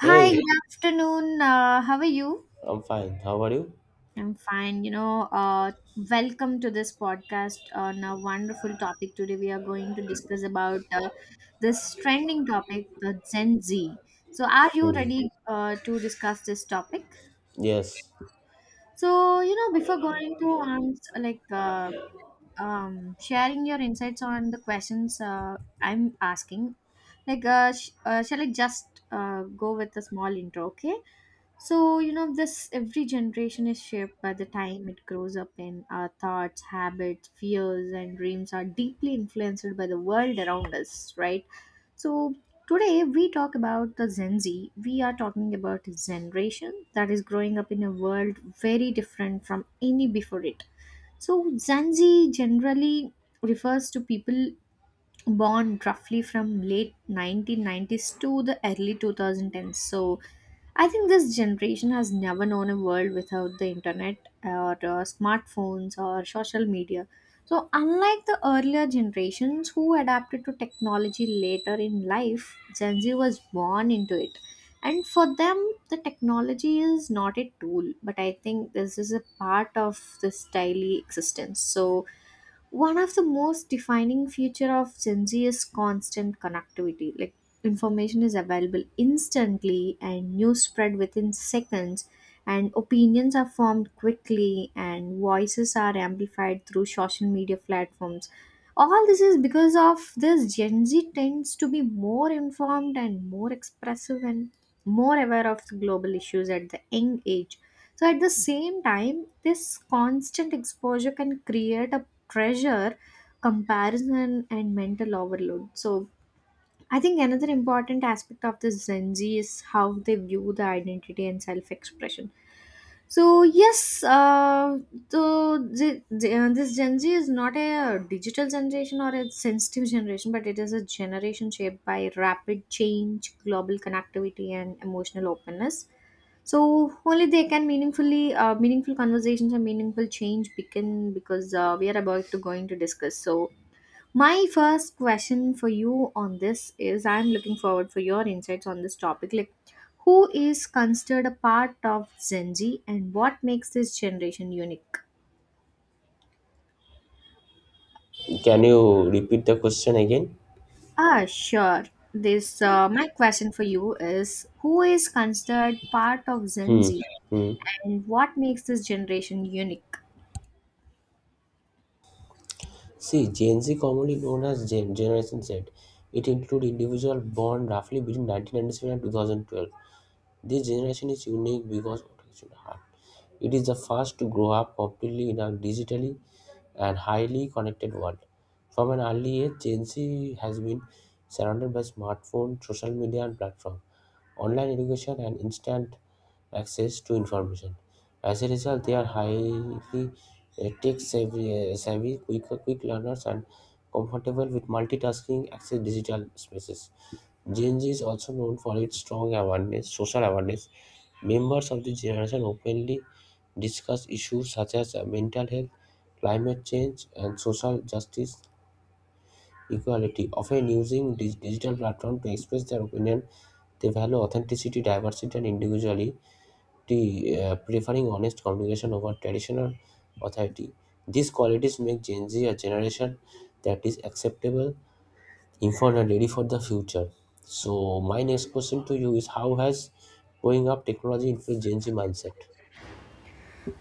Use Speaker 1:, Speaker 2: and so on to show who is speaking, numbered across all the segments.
Speaker 1: Hi,
Speaker 2: Hey,
Speaker 1: good afternoon. How are you?
Speaker 2: I'm fine. How are you?
Speaker 1: I'm fine. Welcome to this podcast on a wonderful topic. Today, we are going to discuss about this trending topic, the Gen Z. So, are you
Speaker 2: Hmm.
Speaker 1: ready to discuss this topic?
Speaker 2: Yes.
Speaker 1: Before going to ans like sharing your insights on the questions I'm asking, shall I just go with a small intro? Okay. So, you know, this every generation is shaped by the time it grows up in. Our thoughts, habits, fears, and dreams are deeply influenced by the world around us, right? So, today we talk about the Gen Z. We are talking about a generation that is growing up in a world very different from any before it. So, Gen Z generally refers to people born roughly from late 1990s to the early 2010s. So, I think this generation has never known a world without the internet or smartphones or social media. So, unlike the earlier generations who adapted to technology later in life, Gen Z was born into it. And for them, the technology is not a tool, but I think this is a part of this daily existence. So, one of the most defining feature of gen z is constant connectivity, like information is available instantly, and news spread within seconds, and opinions are formed quickly, and voices are amplified through social media platforms. All this is because of this gen z tends to be more informed and more expressive and more aware of the global issues at the young age. So at the same time, this constant exposure can create a pressure, comparison, and mental overload. So, I think another important aspect of this Gen Z is how they view the identity and self expression. So, yes, this Gen Z is not a digital generation or a sensitive generation, but it is a generation shaped by rapid change, global connectivity, and emotional openness. So only they can meaningful conversations and meaningful change begin, because we are about to going to discuss. So my first question for you on this is, I'm looking forward for your insights on this topic. Like, who is considered a part of Gen Z, and what makes this generation unique?
Speaker 2: Can you repeat the question again?
Speaker 1: Ah, sure. This my question for you is, who is considered part of Gen
Speaker 2: Hmm.
Speaker 1: Z,
Speaker 2: Hmm.
Speaker 1: and what makes this generation unique?
Speaker 2: See, Gen Z, commonly known as Gen Generation Z, it includes individuals born roughly between 1997 and 2012. This generation is unique because of its heart. It is the first to grow up completely in a digitally and highly connected world. From an early age, Gen Z has been surrounded by smartphones, social media, and platforms, online education and instant access to information. As a result, they are highly tech savvy, savvy quick, quick learners, and comfortable with multitasking access digital spaces. Gen Z is also known for its strong awareness, social awareness. Members of this generation openly discuss issues such as mental health, climate change, and social justice equality, often using digital platform to express their opinion. They value authenticity, diversity, and individually T, preferring honest communication over traditional authority. These qualities make Gen Z a generation that is acceptable, informed, and ready for the future. So, my next question to you is, how has growing up technology influenced Gen Z mindset?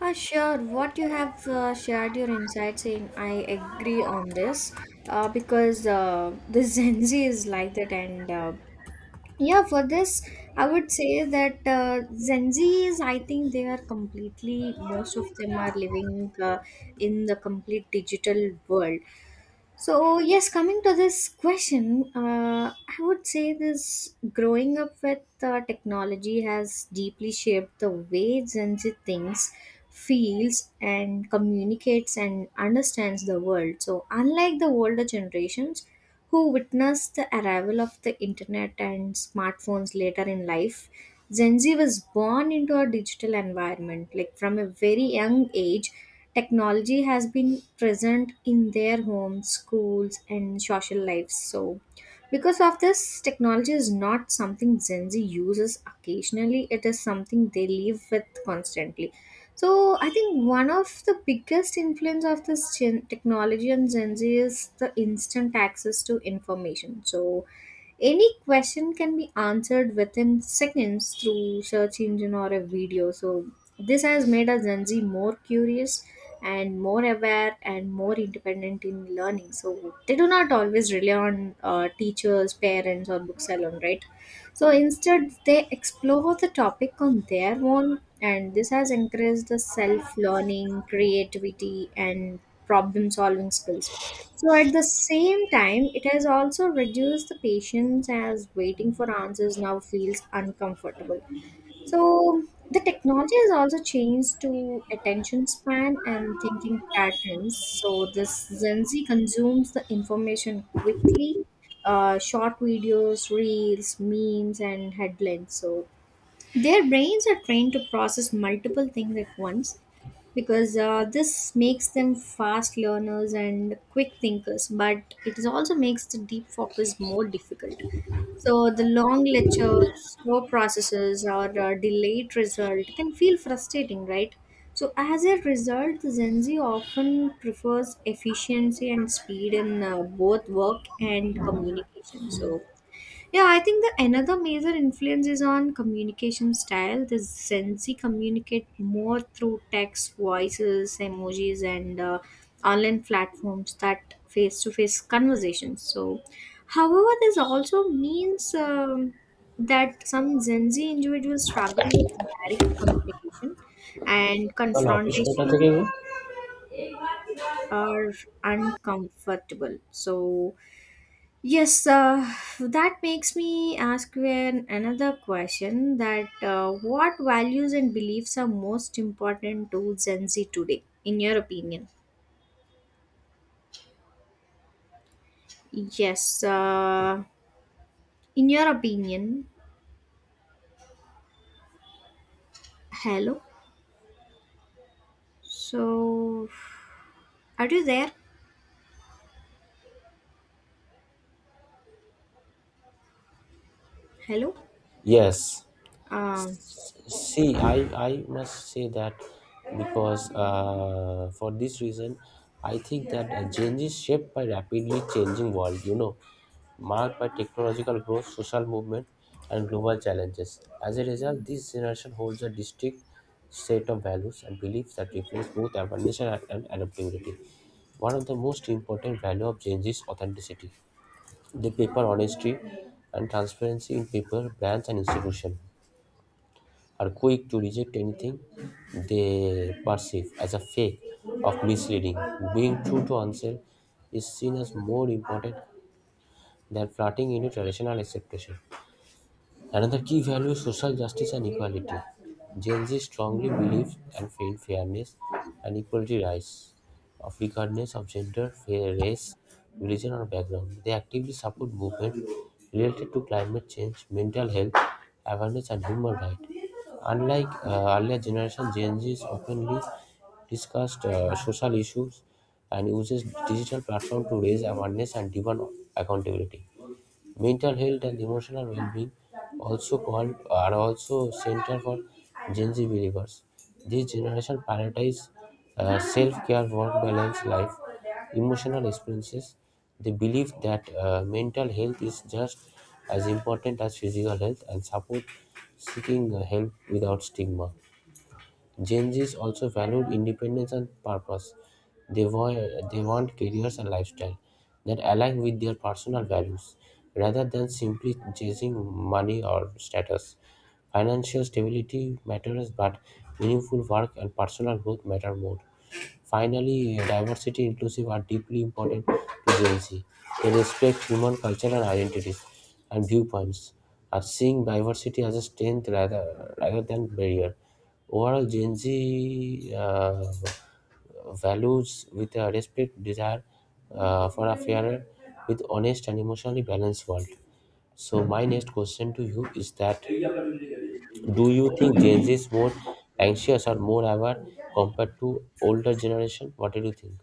Speaker 1: Sure. What you have shared your insights in, I agree on this, because the Gen Z is like that. And Yeah, for this, I would say that Gen Z is, I think they are completely, most of them are living in the complete digital world. So, yes, coming to this question, I would say this growing up with technology has deeply shaped the way Gen Z thinks, feels, and communicates, and understands the world. So, unlike the older generations who witnessed the arrival of the internet and smartphones later in life, Gen Z was born into a digital environment. Like from a very young age, technology has been present in their homes, schools, and social lives. So, because of this, technology is not something Gen Z uses occasionally, it is something they live with constantly. So, I think one of the biggest influence of this technology on Gen Z is the instant access to information. So, any question can be answered within seconds through search engine or a video. So this has made a Gen Z more curious and more aware and more independent in learning. So they do not always rely on teachers, parents, or books alone, right? So instead, they explore the topic on their own, and this has encouraged the self learning, creativity, and problem solving skills. So at the same time, it has also reduced the patience as waiting for answers now feels uncomfortable. So the technology has also changed to attention span and thinking patterns. So this Gen Z consumes the information quickly, short videos, reels, memes, and headlines. So their brains are trained to process multiple things at once, because this makes them fast learners and quick thinkers, but it is also makes the deep focus more difficult. So the long lectures, slow processes, or delayed result can feel frustrating, right? So as a result, the Gen Z often prefers efficiency and speed in both work and communication. So yeah, I think the another major influence is on communication style. The Gen Z communicate more through text, voices, emojis, and online platforms that face-to-face conversations. So, however, this also means that some Gen Z individuals struggle with direct communication, and
Speaker 2: চলো, office কটা
Speaker 1: confrontation
Speaker 2: থেকে গো?
Speaker 1: are uncomfortable. So yes, that makes me ask you another question that what values and beliefs are most important to Gen Z today, in your opinion? Yes, in your opinion, hello. So, are you there? Hello?
Speaker 2: Yes.
Speaker 1: Um,
Speaker 2: See, I must say that because for this reason, I think that change is shaped by rapidly changing world. You know, marked by technological growth, social movement, and global challenges. As a result, this generation holds a distinct set of values and beliefs that reflects both awareness and adaptability. One of the most important value of change is authenticity. They prefer honesty and transparency in people, brands, and institutions are quick to reject anything they perceive as a fake of misleading. Being true to oneself is seen as more important than flirting into traditional acceptation. Another key value is social justice and equality. Gen Z strongly believes and in fairness and equality rights of regardless of gender, race, religion or background. They actively support movement related to climate change, mental health, awareness and human rights. Unlike earlier generation, Gen Z is openly discussed social issues and uses digital platform to raise awareness and demand accountability. Mental health and emotional well-being, also called, are also center for Gen Z believers. This generation prioritizes self-care, work balance, life, emotional experiences. They believe that mental health is just as important as physical health and support seeking help without stigma. Gen Zs also valued independence and purpose. They, wa- they want careers and lifestyle that align with their personal values rather than simply chasing money or status. Financial stability matters, but meaningful work and personal growth matter more. Finally, diversity inclusive are deeply important to Gen Z. They respect human cultural identities and viewpoints, are seeing diversity as a strength rather than barrier. Overall, Gen Z values with a respect desire for a fairer, with honest and emotionally balanced world. So my next question to you is, that do you think Gen Z is more anxious or more aware compared to older generation? What do you think?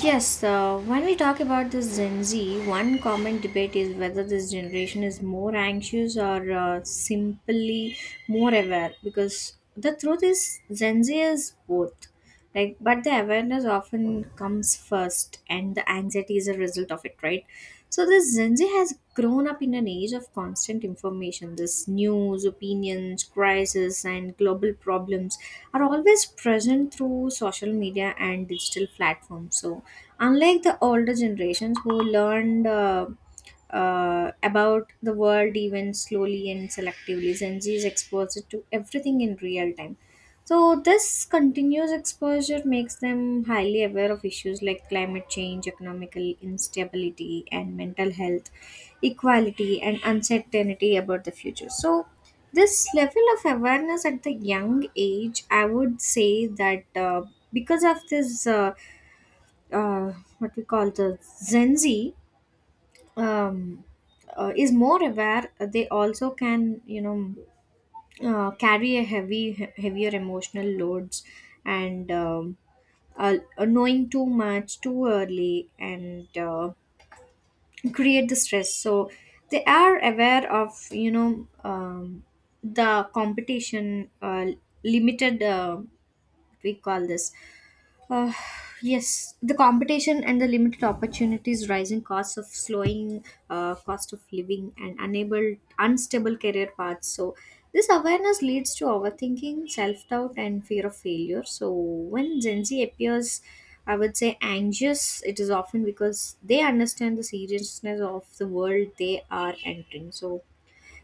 Speaker 1: Yes, when we talk about this Gen Z, one common debate is whether this generation is more anxious or simply more aware. Because the truth is, Gen Z is both. Like, but the awareness often comes first, and the anxiety is a result of it, right? So this Gen Z has grown up in an age of constant information. This news, opinions, crisis, and global problems are always present through social media and digital platforms. So, unlike the older generations who learned about the world even slowly and selectively, Gen Z is exposed to everything in real time. So, this continuous exposure makes them highly aware of issues like climate change, economical instability, and mental health, equality, and uncertainty about the future. So, this level of awareness at the young age, I would say that, because of this uh, what we call the gen z, um, is more aware. They also can, you know, carry a heavier emotional loads, and knowing too much too early and create the stress. So they are aware of, you know, the competition limited we call this uh, yes, the competition and the limited opportunities, rising costs of slowing cost of living, and unstable career paths. So, this awareness leads to overthinking, self doubt, and fear of failure. So, when Gen Z appears, I would say, anxious, it is often because they understand the seriousness of the world they are entering. So,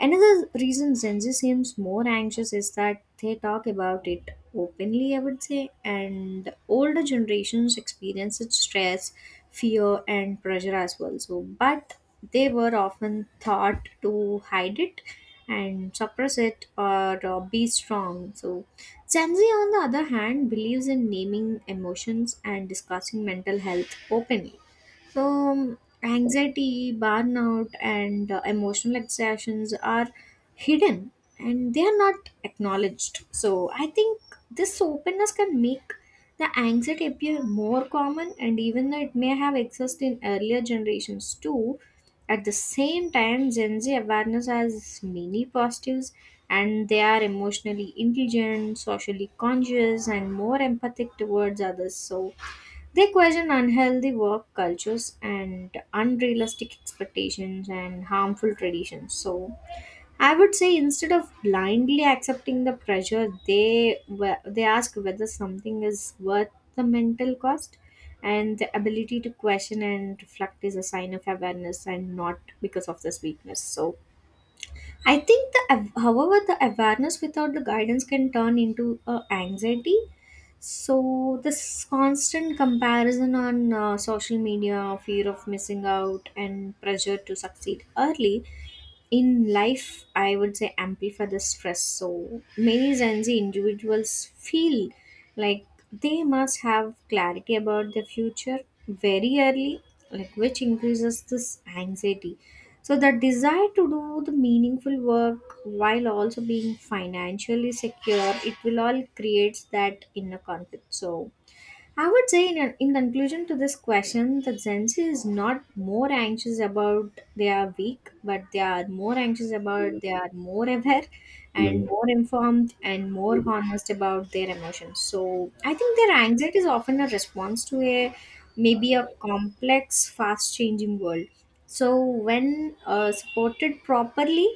Speaker 1: another reason Gen Z seems more anxious is that they talk about it openly, I would say, and older generations experience its stress, fear, and pressure as well. So, but they were often taught to hide it and suppress it or be strong. So, Gen Z, on the other hand, believes in naming emotions and discussing mental health openly. So, anxiety, burnout, and emotional exertions are hidden and they are not acknowledged. So, I think this openness can make the anxiety appear more common, and even though it may have existed in earlier generations too, at the same time, Gen Z awareness has many positives, and they are emotionally intelligent, socially conscious, and more empathic towards others. So, they question unhealthy work cultures and unrealistic expectations and harmful traditions. So, I would say instead of blindly accepting the pressure, they they ask whether something is worth the mental cost, and the ability to question and reflect is a sign of awareness and not because of this weakness. So, I think however the awareness without the guidance can turn into anxiety. So this constant comparison on social media, fear of missing out, and pressure to succeed early in life, I would say, amplify the stress. So many gen z individuals feel like they must have clarity about their future very early, like which increases this anxiety. So the desire to do the meaningful work while also being financially secure, it will all creates that inner conflict. So I would say, in conclusion to this question, that Gen Z is not more anxious about they are weak, but they are more anxious about they are more aware
Speaker 2: Hmm.
Speaker 1: and more informed and more honest about their emotions. So I think their anxiety is often a response to a maybe a complex, fast changing world. So when supported properly,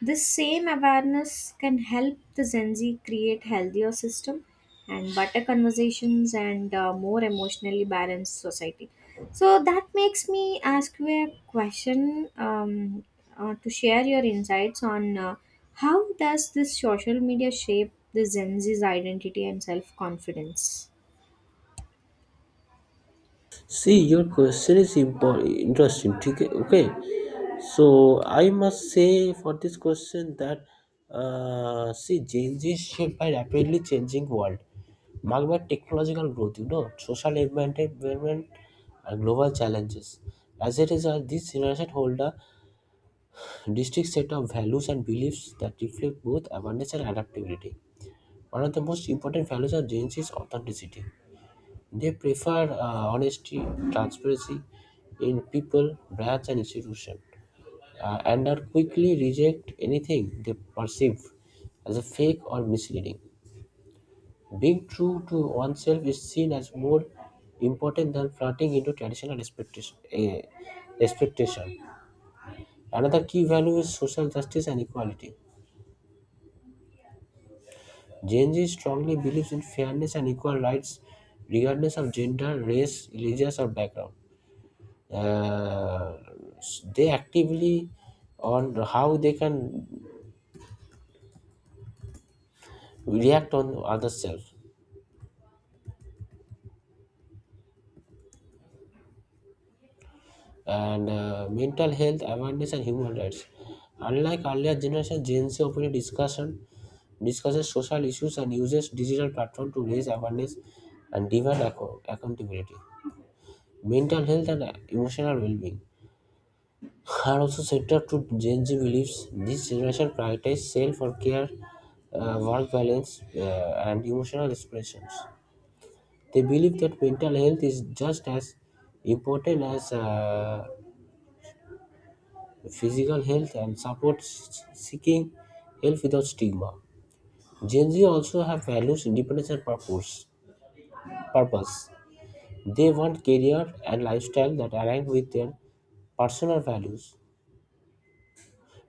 Speaker 1: this same awareness can help the Gen Z create healthier system and better conversations and more emotionally balanced society. So that makes me ask you a question, to share your insights on, how does this social media shape the Gen Z's identity and self-confidence?
Speaker 2: See, your question is interesting. ठीक है? Okay, so I must say for this question that see, Gen Z is shaped by rapidly changing world, marked by technological growth, you know, environment and global challenges. As a result, this generation hold a Districts set of values and beliefs that reflect both abundance and adaptability. One of the most important values of Jains is authenticity. They prefer honesty, transparency in people, brands, and institutions, and are quickly reject anything they perceive as a fake or misleading. Being true to oneself is seen as more important than flirting into traditional expectation. Another key value is social justice and equality. Gen Z strongly believes in fairness and equal rights, regardless of gender, race, religious, or background. Uh, they actively on how they can react on other self and mental health awareness and human rights. Unlike earlier generation, Gen Z openly discussion discusses social issues and uses digital platform to raise awareness and demand accountability, mental health, and emotional well-being are also central to Gen Z beliefs. This generation prioritizes self or care, work balance, and emotional expressions. They believe that mental health is just as important as physical health and support seeking help without stigma. Gen Z also have values, independence, and purpose. They want career and lifestyle that align with their personal values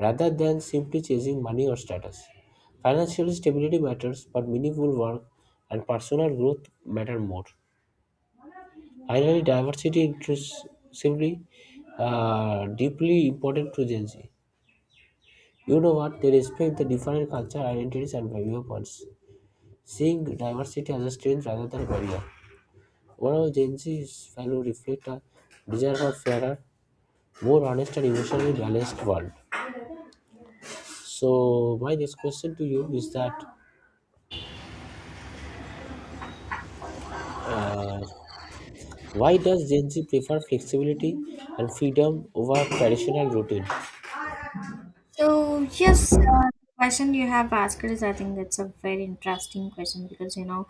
Speaker 2: rather than simply chasing money or status. Financial stability matters, but meaningful work and personal growth matter more. Finally, diversity inclusively deeply important to Gen Z. You know what? They respect the different culture, identities, and viewpoints, seeing diversity as a strength rather than a barrier. One of Gen Z's values reflect a desire for fairer, more honest, and emotionally balanced world. So, my next question to you is that uh, why does Gen Z prefer flexibility and freedom over traditional routine?
Speaker 1: So yes, the question you have asked is I think that's a very interesting question because you know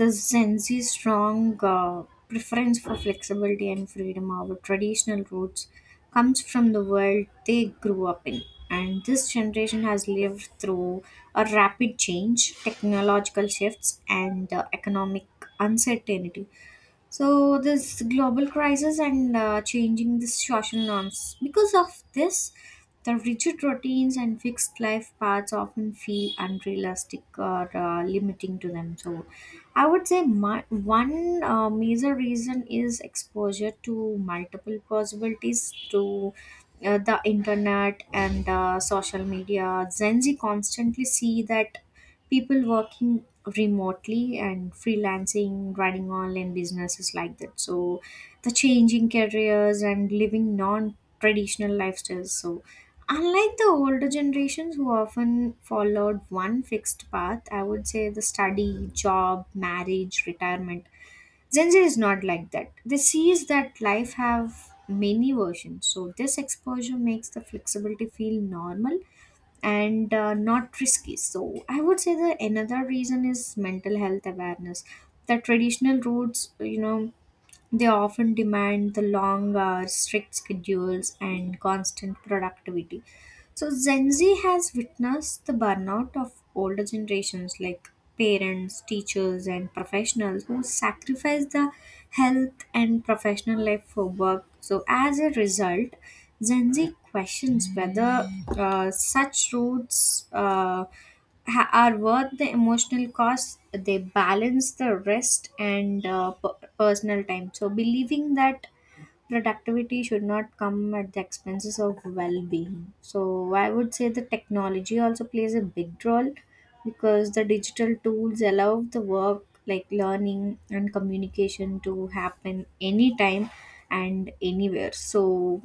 Speaker 1: the Gen Z's strong preference for flexibility and freedom over traditional roots comes from the world they grew up in, and this generation has lived through a rapid change, technological shifts, and economic uncertainty. So this global crisis and changing the social norms, because of this the rigid routines and fixed life paths often feel unrealistic or limiting to them. So I would say my, one major reason is exposure to multiple possibilities through the internet and social media. Gen Z constantly see that people working remotely and freelancing, running online businesses like that. So the changing careers and living non-traditional lifestyles. So unlike the older generations who often followed one fixed path, I would say the study, job, marriage, retirement. Gen Z is not like that. They sees that life have many versions. So this exposure makes the flexibility feel normal and not risky. So I would say that another reason is mental health awareness. The traditional routes, you know, they often demand the long hours, strict schedules, and constant productivity. So Gen Z has witnessed the burnout of older generations like parents, teachers, and professionals who sacrifice the health and professional life for work. So as a result, Gen Z questions whether such roads are worth the emotional cost. They balance the rest and personal time. So believing that productivity should not come at the expenses of well-being. So I would say the technology also plays a big role because the digital tools allow the work like learning and communication to happen anytime and anywhere. So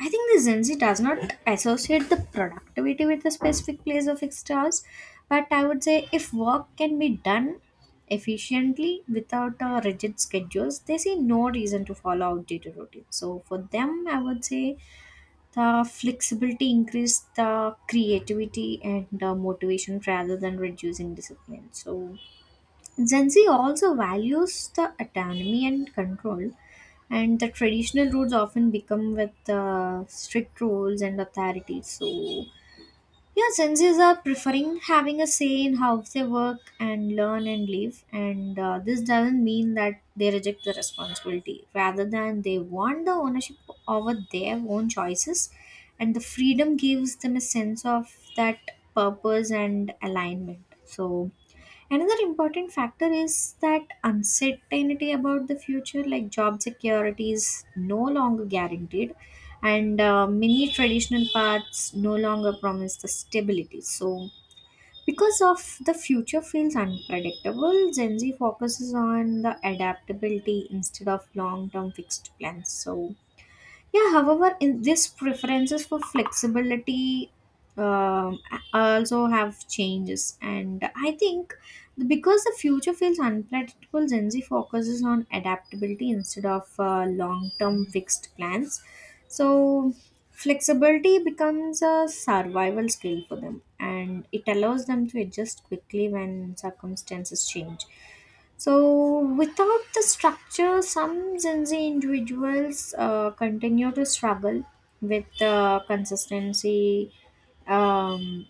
Speaker 1: I think the Gen Z does not associate the productivity with a specific place of extras, but I would say if work can be done efficiently without rigid schedules, they see no reason to follow outdated routines. So for them I would say the flexibility increase the creativity and motivation rather than reducing discipline. So Gen Z also values the autonomy and control, and the traditional routes often become with strict rules and authority. So yeah, senses are preferring having a say in how they work and learn and live, and this doesn't mean that they reject the responsibility. Rather than they want the ownership over their own choices, and the freedom gives them a sense of that purpose and alignment. So another important factor is that uncertainty about the future, like job security, is no longer guaranteed, and many traditional paths no longer promise the stability. So, because of the future feels unpredictable, Gen Z focuses on the adaptability instead of long-term fixed plans. So, yeah, however, in this preferences for flexibility um, also have changes, and I think because the future feels unpredictable, Gen Z focuses on adaptability instead of long-term fixed plans. So flexibility becomes a survival skill for them, and it allows them to adjust quickly when circumstances change. So, without the structure, some Gen Z individuals continue to struggle with um,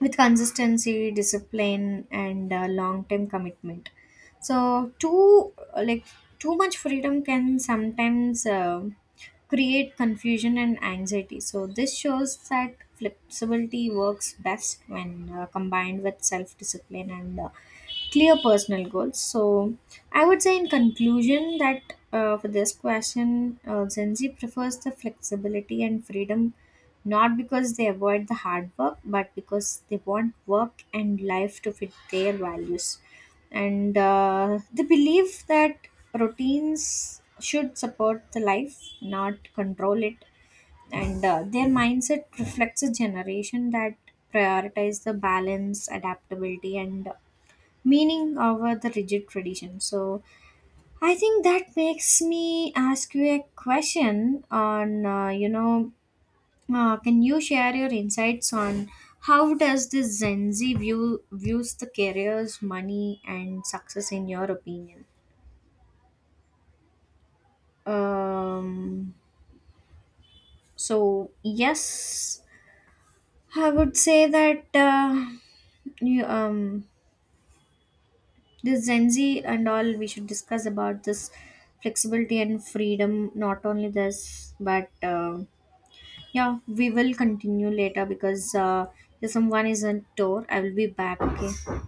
Speaker 1: consistency, discipline, and long-term commitment. So, too much freedom can sometimes create confusion and anxiety. So, this shows that flexibility works best when combined with self-discipline and clear personal goals. So, I would say in conclusion that for this question, Gen Z prefers the flexibility and freedom not because they avoid the hard work, but because they want work and life to fit their values. And they believe that routines should support the life, not control it. And their mindset reflects a generation that prioritize the balance, adaptability, and meaning over the rigid tradition. So I think that makes me ask you a question on you know can you share your insights on how does the Gen Z views the careers, money, and success in your opinion? Um, so yes, I would say that you this Gen Z and all, we should discuss about this flexibility and freedom. Not only this, but yeah, we will continue later because if someone is on tour. I will be back. Okay.